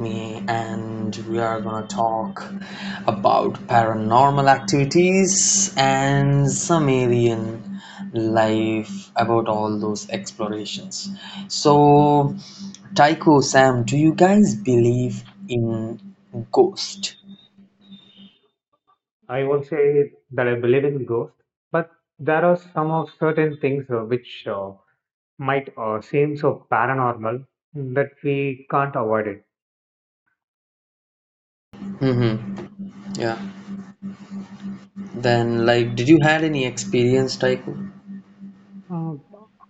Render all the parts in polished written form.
me, and we are gonna talk about paranormal activities and some alien life about all those explorations. So, Tycho, Sam, do you guys believe in ghost? I won't say that I believe in ghosts, but there are some of certain things which might seem so paranormal that we can't avoid it. Mm-hmm. Yeah. Then, like, did you had any experience, Tycho? Uh,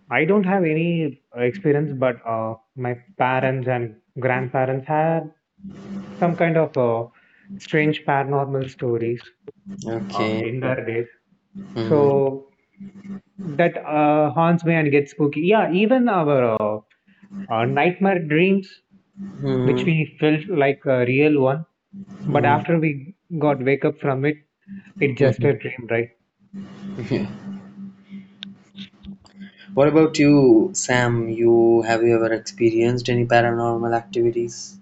I don't have any experience, but my parents and grandparents had some kind of strange paranormal stories Okay. in their days. Mm-hmm. So that haunts me and gets spooky. Yeah, even our nightmare dreams, which we felt like a real one. But Mm, after we got wake up from it, it's just a mhm. dream, right? Yeah. What about you, Sam? You have you ever experienced any paranormal activities?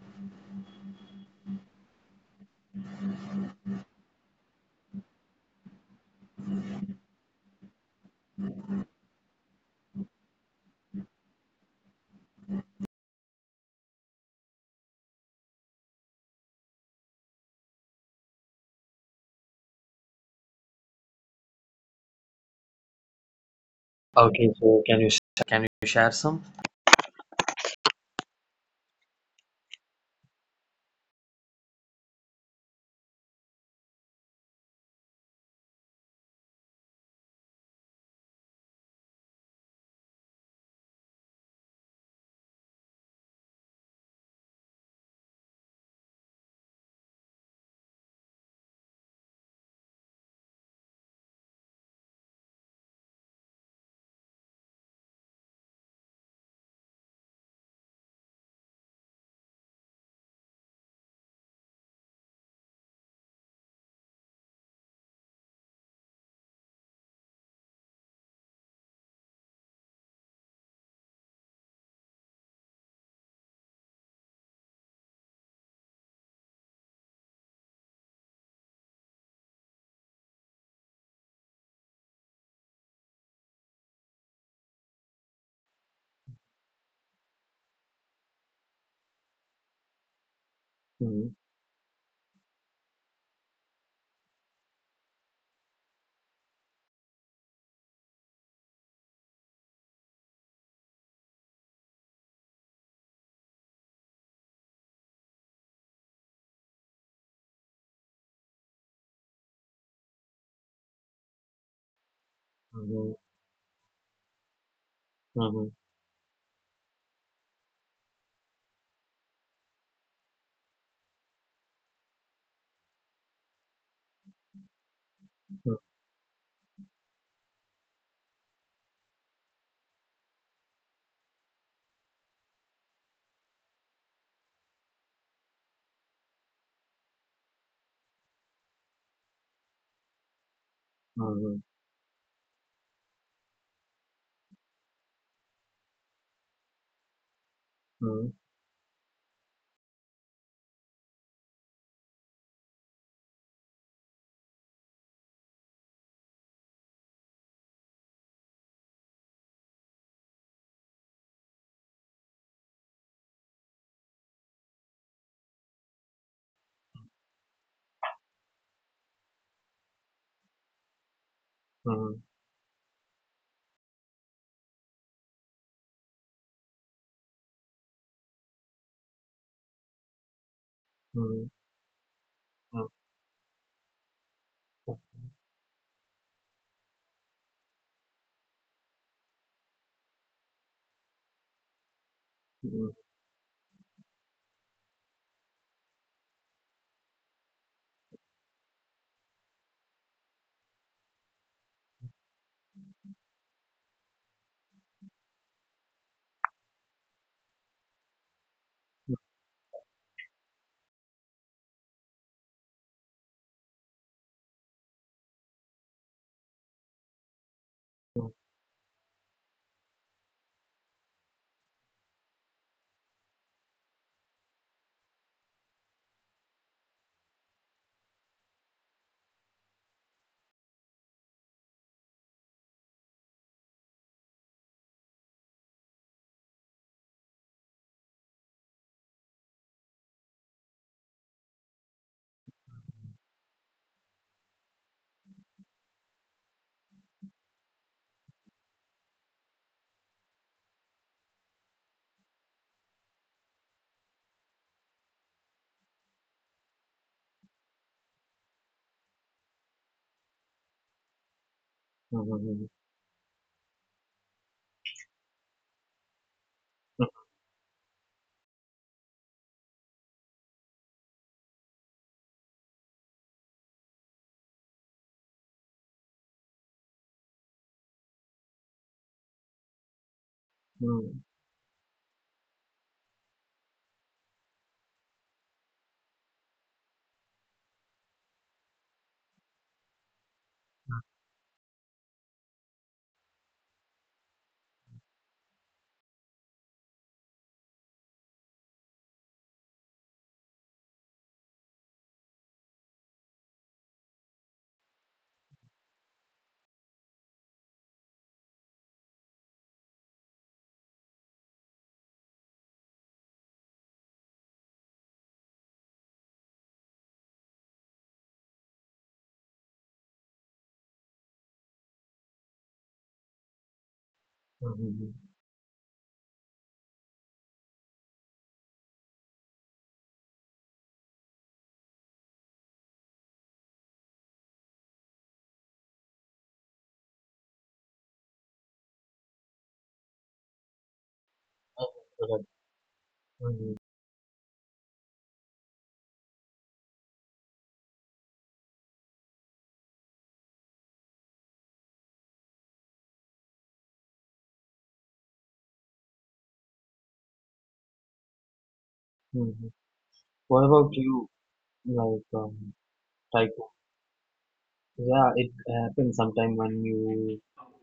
Okay, so can you can you share some? Hmm. Hmm. Hmm. Hmm. Hmm. Hmm. Hmm. Hmm. Hmm. Hmm. Hmm. Hmm. Hmm. Hmm. What about you? Like it when you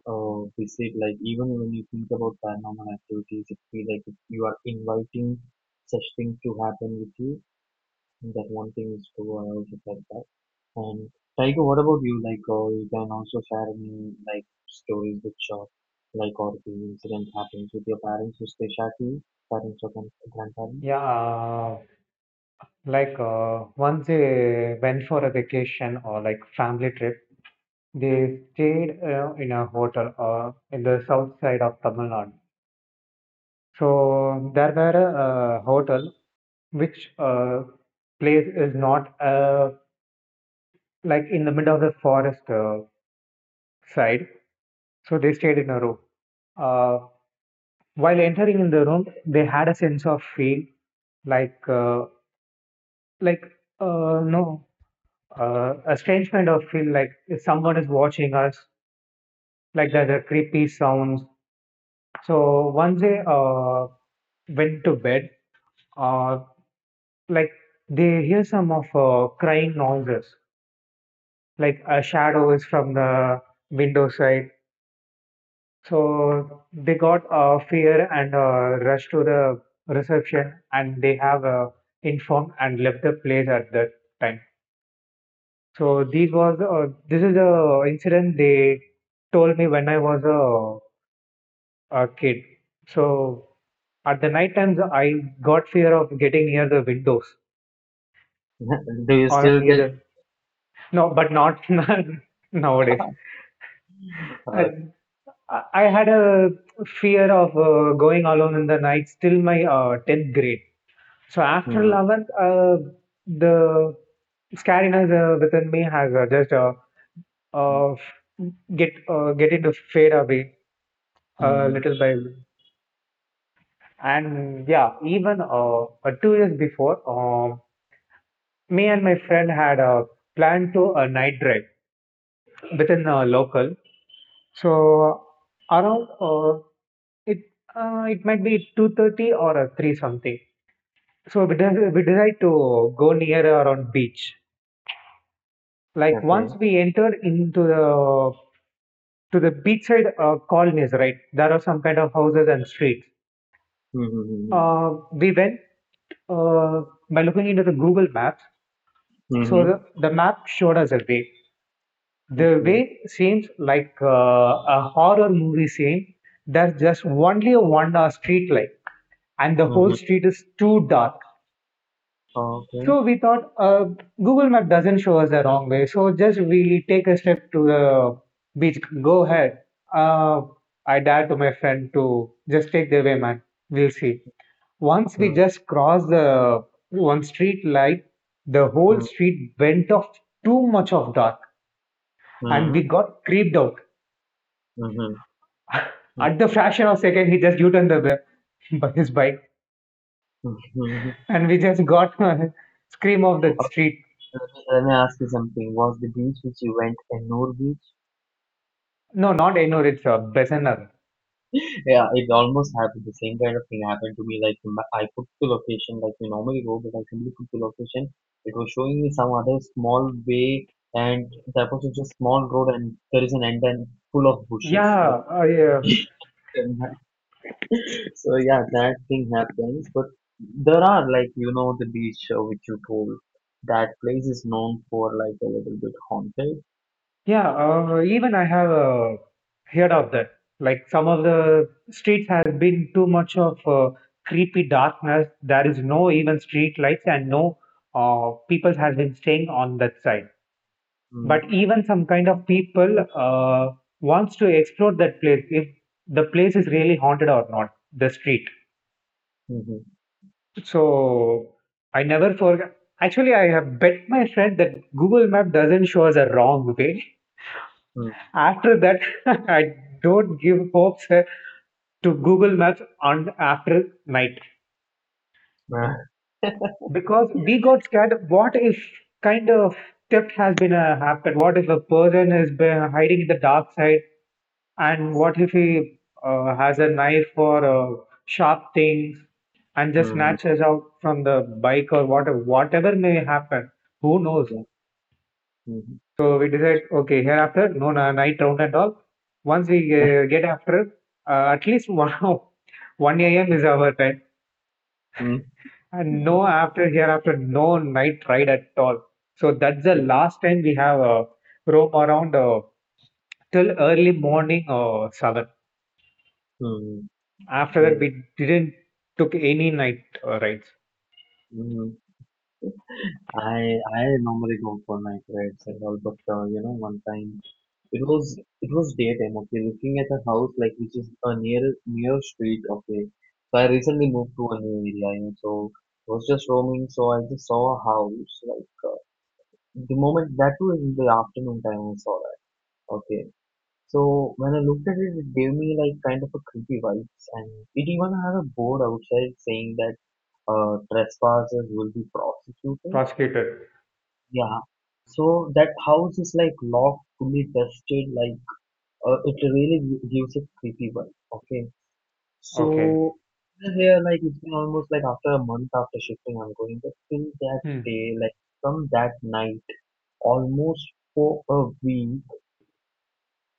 uh, like when you think about paranormal activities, it feel like you are inviting such thing to happen to you. Also said that. And Tiger, like stories which are like or the incident happens with your parents, which they share you, parents or grandparents. Yeah, like once they went for a vacation or like family trip, they stayed in a hotel in the south side of Tamil Nadu. So there were a hotel which place is not like in the middle of the forest side. So they stayed in a room. Uh, while entering in the room, they had a sense of feel like like, no, a strange kind of feel like if someone is watching us, like there's a creepy sounds. So once they went to bed, uh, like they hear some of crying noises, like a shadow is from the window side. So they got fear and rushed to the reception, and they have informed and left the place at that time. So these was this is a incident they told me when I was a kid. So at the night times I got fear of getting near the windows Do you or still near get? the no, but not not nowadays. I Uh, I had a fear of going alone in the night. Still my 10th grade. So after mm, 11th, the scariness within me has just uh, get into fade away mm, little by little. And yeah, even 2 years before, me and my friend had planned to a night drive within a local. So around it it might be 2:30 or three something. So we decide to go near around beach. Like okay. once we enter into the to the beachside colonies, right? There are some kind of houses and streets. Mm-hmm. We went uh, by looking into the Google Maps. So Mm-hmm. the map showed us a way. The Okay. way seems like a horror movie scene. There's just only a one street light, and the whole Mm-hmm. street is too dark. Okay. So we thought Google Map doesn't show us the wrong way. So just we take a step to the beach. Go ahead. Uh, I dare to my friend to just take the way, man. We'll see. Once we Mm, just cross the one street light, the whole mm, street went off too much of dark and we mm, got creeped out. mm-hmm. At the fraction of second, he just U-turned by his bike, Mhm. and we just got scream of the street. Okay, let me ask you something. Was the beach which you went in Norway? No, not Ennore, it's Bessenar. Yeah, it almost happened. The same kind of thing happened to me. Like I put the location like we normally go, but I simply put the location. It was showing me some other small way, and that was just a small road, and there is an end and full of bushes. Like Yeah, yeah. and so yeah, that thing happens. But there are like you know the beach which you told. That place is known for like a little bit haunted. Yeah. Even I have heard of that. Like some of the streets has been too much of creepy darkness. There is no even street lights, and no people has been staying on that side. But Mm-hmm. even some kind of people wants to explore that place if the place is really haunted or not the street. Mm-hmm. So I never forget. Actually, I have bet my friend that Google Map doesn't show us a wrong way. After that, I don't give hopes to Google Maps on after night, because we got scared. What if kind of theft has been happened? What if a person has been hiding in the dark side? And what if he has a knife or sharp things and just Mm-hmm. snatches out from the bike or whatever, whatever may happen. Who knows? Yeah. Mm-hmm. So we decide, okay, hereafter, no night round and all. Once we get after, at least one, 1 a.m. is our time. And no after, hereafter, no night ride at all. So that's the last time we have roam around till early morning or 7. After that, we didn't took any night rides. Mm-hmm. I normally go for night rides and all, but you know, one time it was daytime. Okay, looking at a house like which is a near street. Okay, so I recently moved to a new area, and so I was just roaming. So I just saw a house like the moment that was in the afternoon time I saw that. Okay, so when I looked at it, it gave me like kind of a creepy vibes, and it even had a board outside saying that trespassers will be prosecuted. Prosecuted. Yeah. So that house is like locked, fully dusted, like it really gives a creepy vibe. Okay. Okay. So here, like it's been almost like after a month after shifting, I'm going, but till that Hmm. day, like from that night, almost for a week,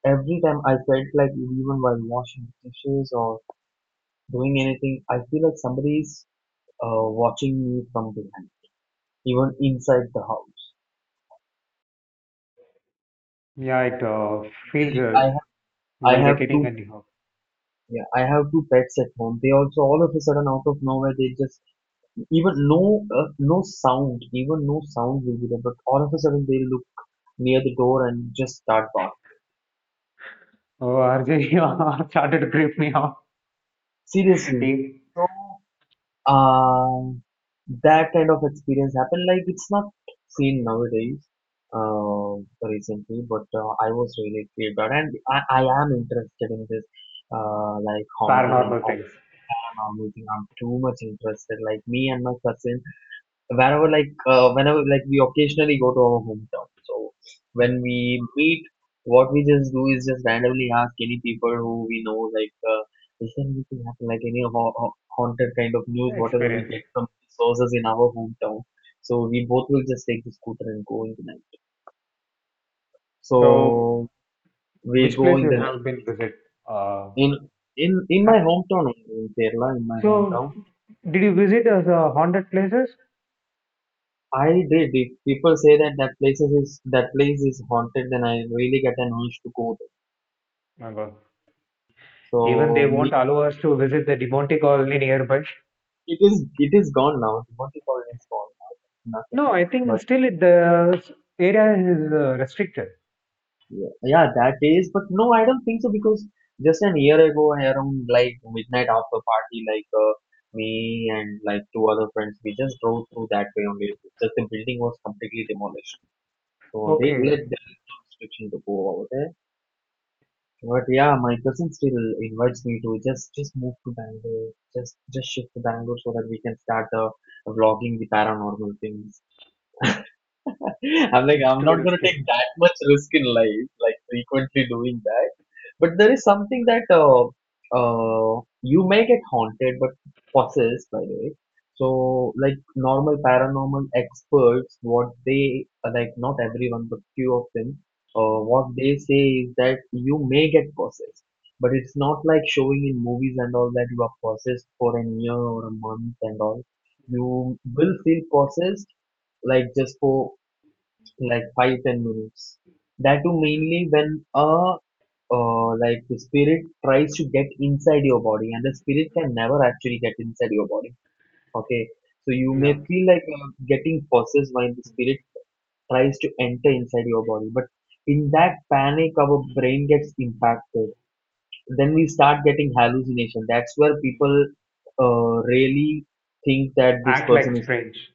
every time I felt like even while washing dishes or doing anything, I feel like somebody's watching me from behind, even inside the house. Yeah, it feels Like I have, I while have vacating two. in New York. Yeah, I have two pets at home. They also all of a sudden out of nowhere they just even no no sound, even no sound will be there, but all of a sudden they look near the door and just start barking. Oh, RJ, you started to creep me out. Seriously. These So um that kind of experience happened. Like it's not seen nowadays, recently, but I was really creeped out, and I am interested in this, like haunting and paranormal things. paranormal thing. I'm too much interested. Like me and my cousin, whenever like we occasionally go to our hometown, so when Hmm. we meet what we just do is just randomly ask any people who we know, like is there anything happen like any haunted kind of news, whatever we Experience. get from sources in our hometown, so we both will just take the scooter and go in the night, So, so we which go place in you the night have been visit? Uh, in my ha- hometown only, in Kerala in my So, hometown did you visit as haunted places? I did. If people say that that places is that place is haunted, then I really get an urge to go. My God. Even So they won't allow us to visit the Demonte colony nearby. it is gone now. The Monte Carlo is gone. Nothing. No, I think But still the area is restricted. yeah, yeah, that is. But no, I don't think so because just an year ago, around like midnight after party, like me and like two other friends, we just drove through that way only. Just the building was completely demolished. So they let Okay, the restriction to go over there. But yeah, my cousin still invites me to just move to Bangalore, just shift to Bangalore so that we can start the vlogging the paranormal things. I'm like, it's I'm too not gonna risky. take that much risk in life, like frequently doing that. But there is something that you may get haunted, but possessed by it. So, like normal paranormal experts, what they like, not everyone, but few of them, what they say is that you may get possessed, but it's not like showing in movies and all that you are possessed for a year or a month and all. You will feel possessed like just for like 5 to 10 minutes. That too mainly when a like the spirit tries to get inside your body, and the spirit can never actually get inside your body. Okay, so you may No, feel like getting possessed while the spirit tries to enter inside your body, but in that panic, our brain gets impacted. Then we start getting hallucination. That's where people really think that this act like person is strange.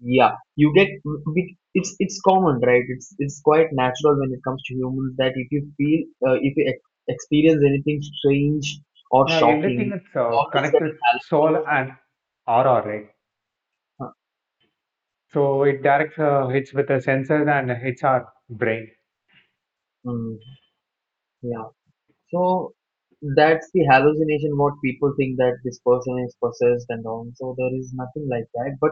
yeah, you get it's common, right? It's quite natural when it comes to humans that if you feel if you ex experience anything strange or Now shocking, everything is always get connected a soul and aura, right? balance. So it directs hits with the sensors and hits our brain. Mm, yeah. So that's the hallucination what people think that this person is possessed and all. So there is nothing like that. But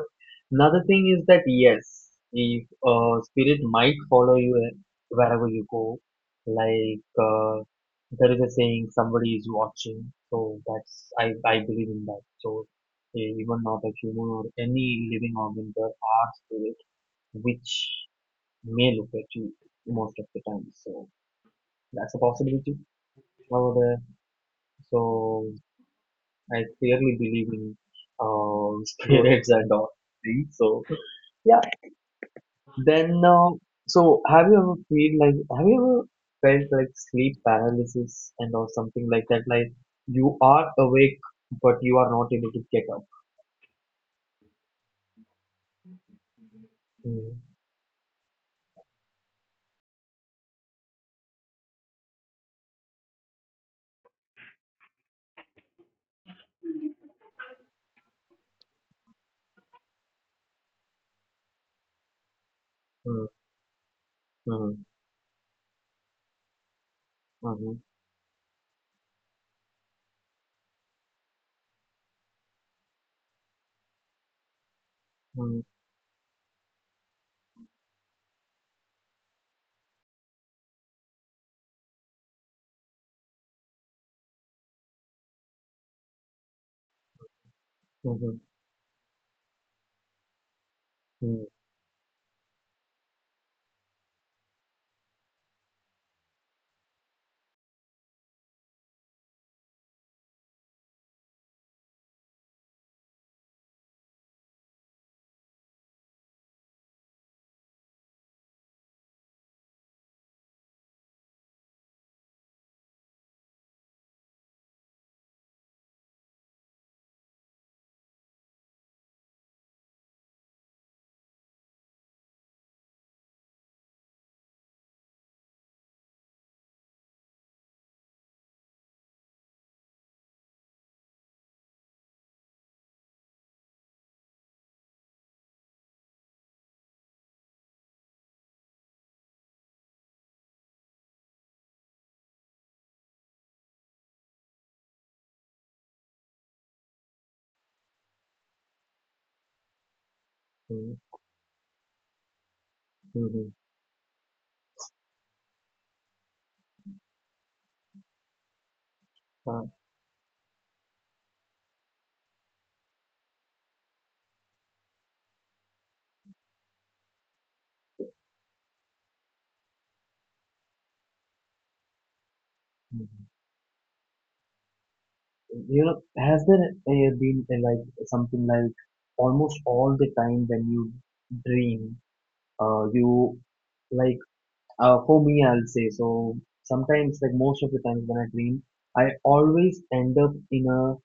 another thing is that yes, if spirit might follow you wherever you go, like there is a saying somebody is watching. So that's I believe in that. So even not a human or any living organ, there are spirit which may look at you most of the time. So that's a possibility. However, so I clearly believe in Go. spirits and all things. So yeah. Then so have you ever felt like sleep paralysis and or something like that? Like you are awake but you are not able to get up. Mm, mm, mm, mhm, mm, mhm, mm, mm, mhm, uh, mhm. You know, has there been like something like almost all the time when you dream? You like for me I'll say so sometimes like most of the times when I dream I always end up in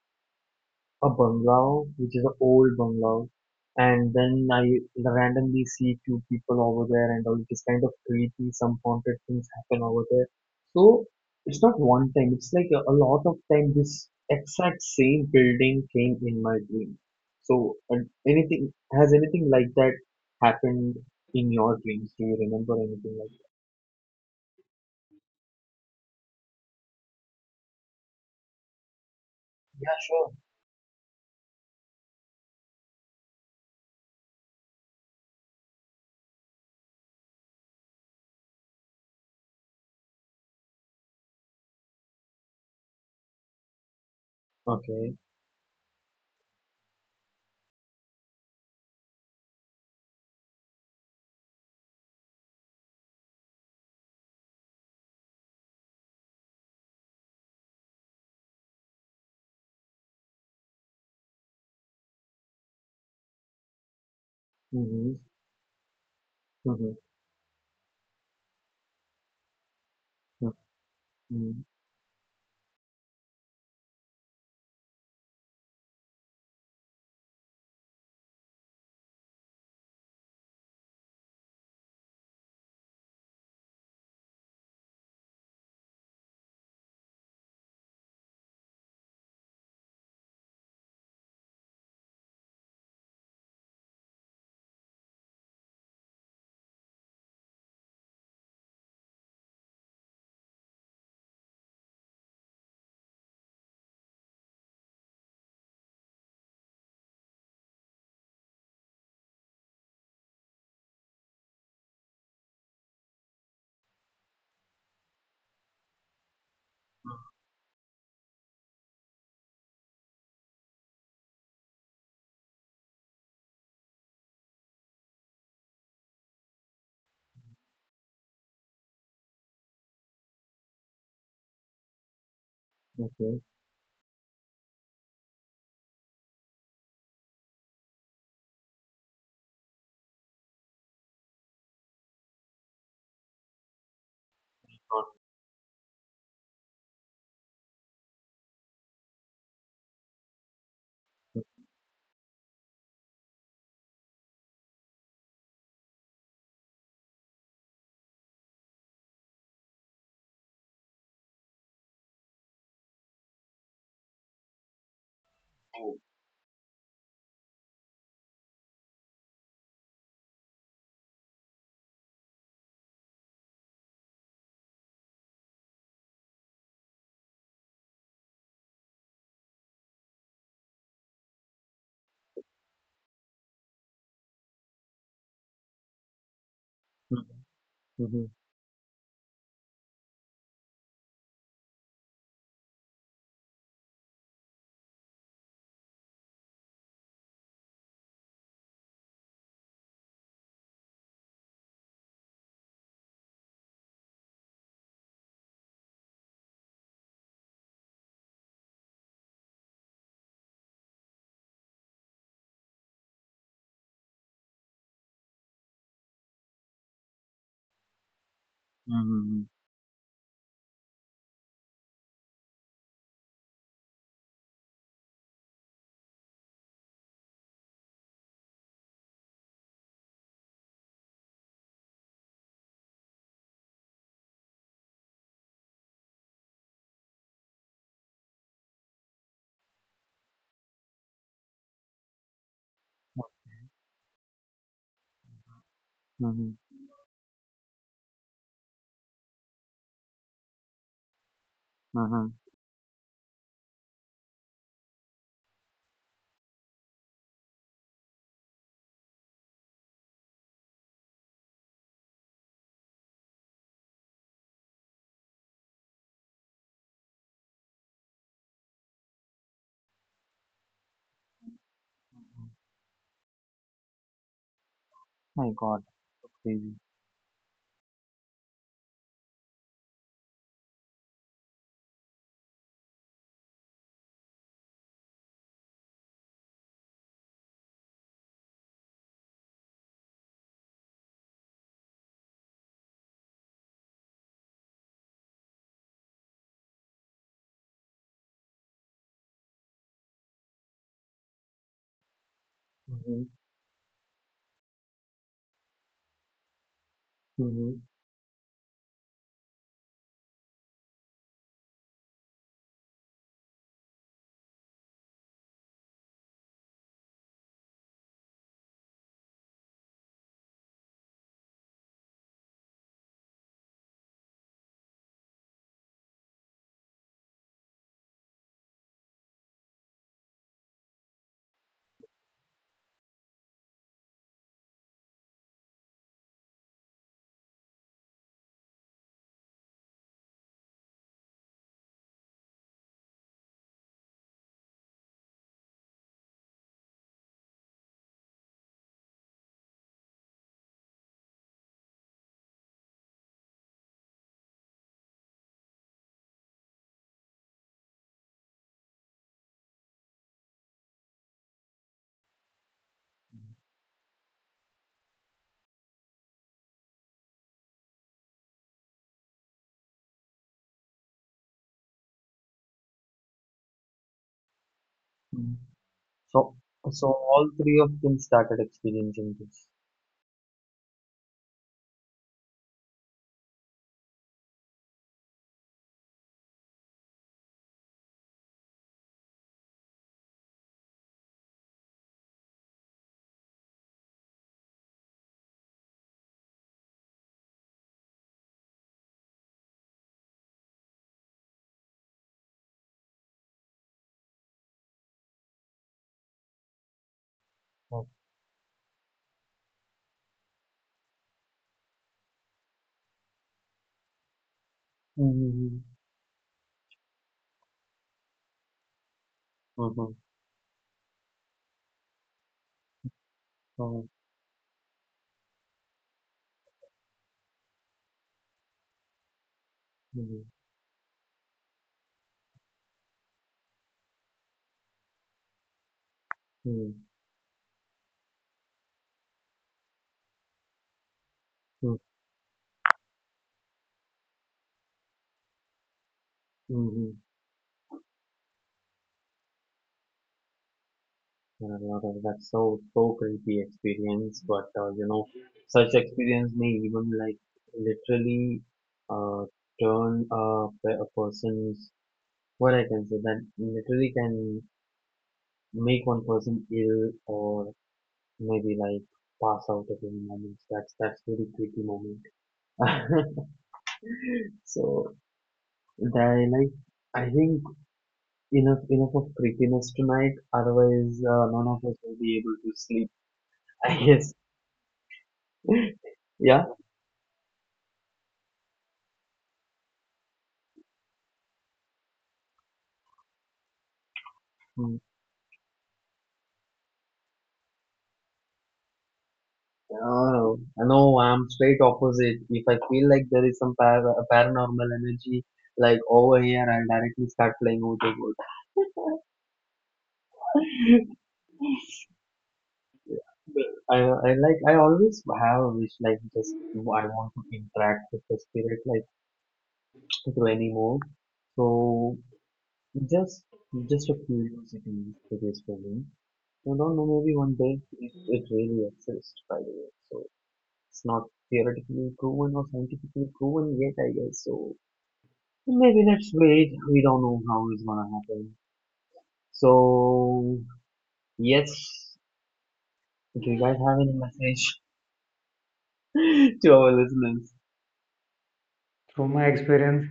a bungalow, which is an old bungalow, and then I randomly see two people over there and all. It is kind of creepy. Some haunted things happen over there. So it's not one time. It's like a lot of time. This exact same building came in my dream. So and anything has anything like that happened in your dreams? Do you remember anything like that? Yeah, sure. Okay. Mm-hmm. Mm-hmm. Mm-hmm. Mm-hmm. Okay. Got it. Mm-hmm. Mm-hmm. Mm-hmm. My God, that's crazy. Mhm, mhm, mhm. So, so all three of them started experiencing this. Oh, mhm, mhm, oh, mhm, mhm, mhm, mhm. Yeah, yeah, that's so creepy experience, but you know, such experience may even like literally uh turn a, a person's what I can say that literally can make one person ill or maybe like pass out at any moment. That's very creepy moment. So they like I think enough of creepiness tonight. Otherwise, none of us will be able to sleep. I guess. Yeah. Mm. Oh, no, I'm straight opposite. If I feel like there is some paranormal energy like over here, I'll directly start playing with the wood. I like I always have a wish like just I want to interact with the spirit like struggle anymore. So just just a curiosity it is for me. I don't know, maybe one day it really exists, by the way. So it's not theoretically proven or scientifically proven yet, I guess. So maybe let's wait. We don't know how it's gonna happen. So yes, do you guys have any message to our listeners? From my experience,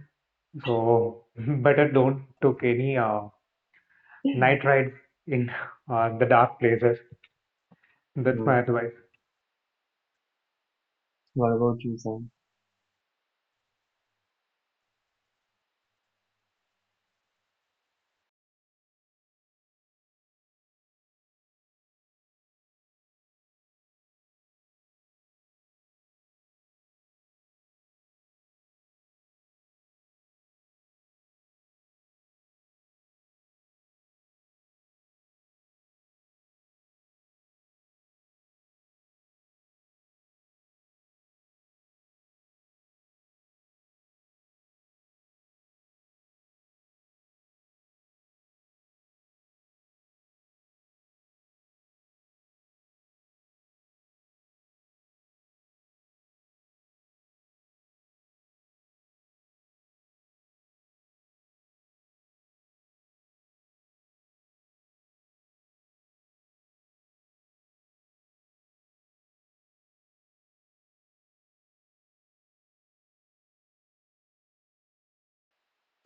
so better don't took any night rides in the dark places. That's my advice. What about you, Sam?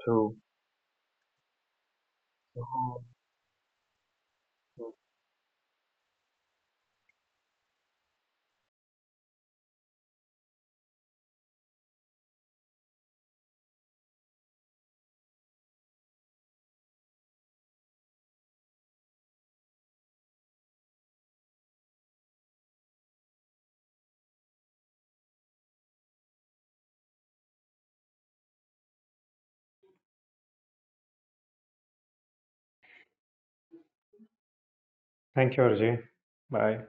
True. So, Thank you, Arjay. Bye.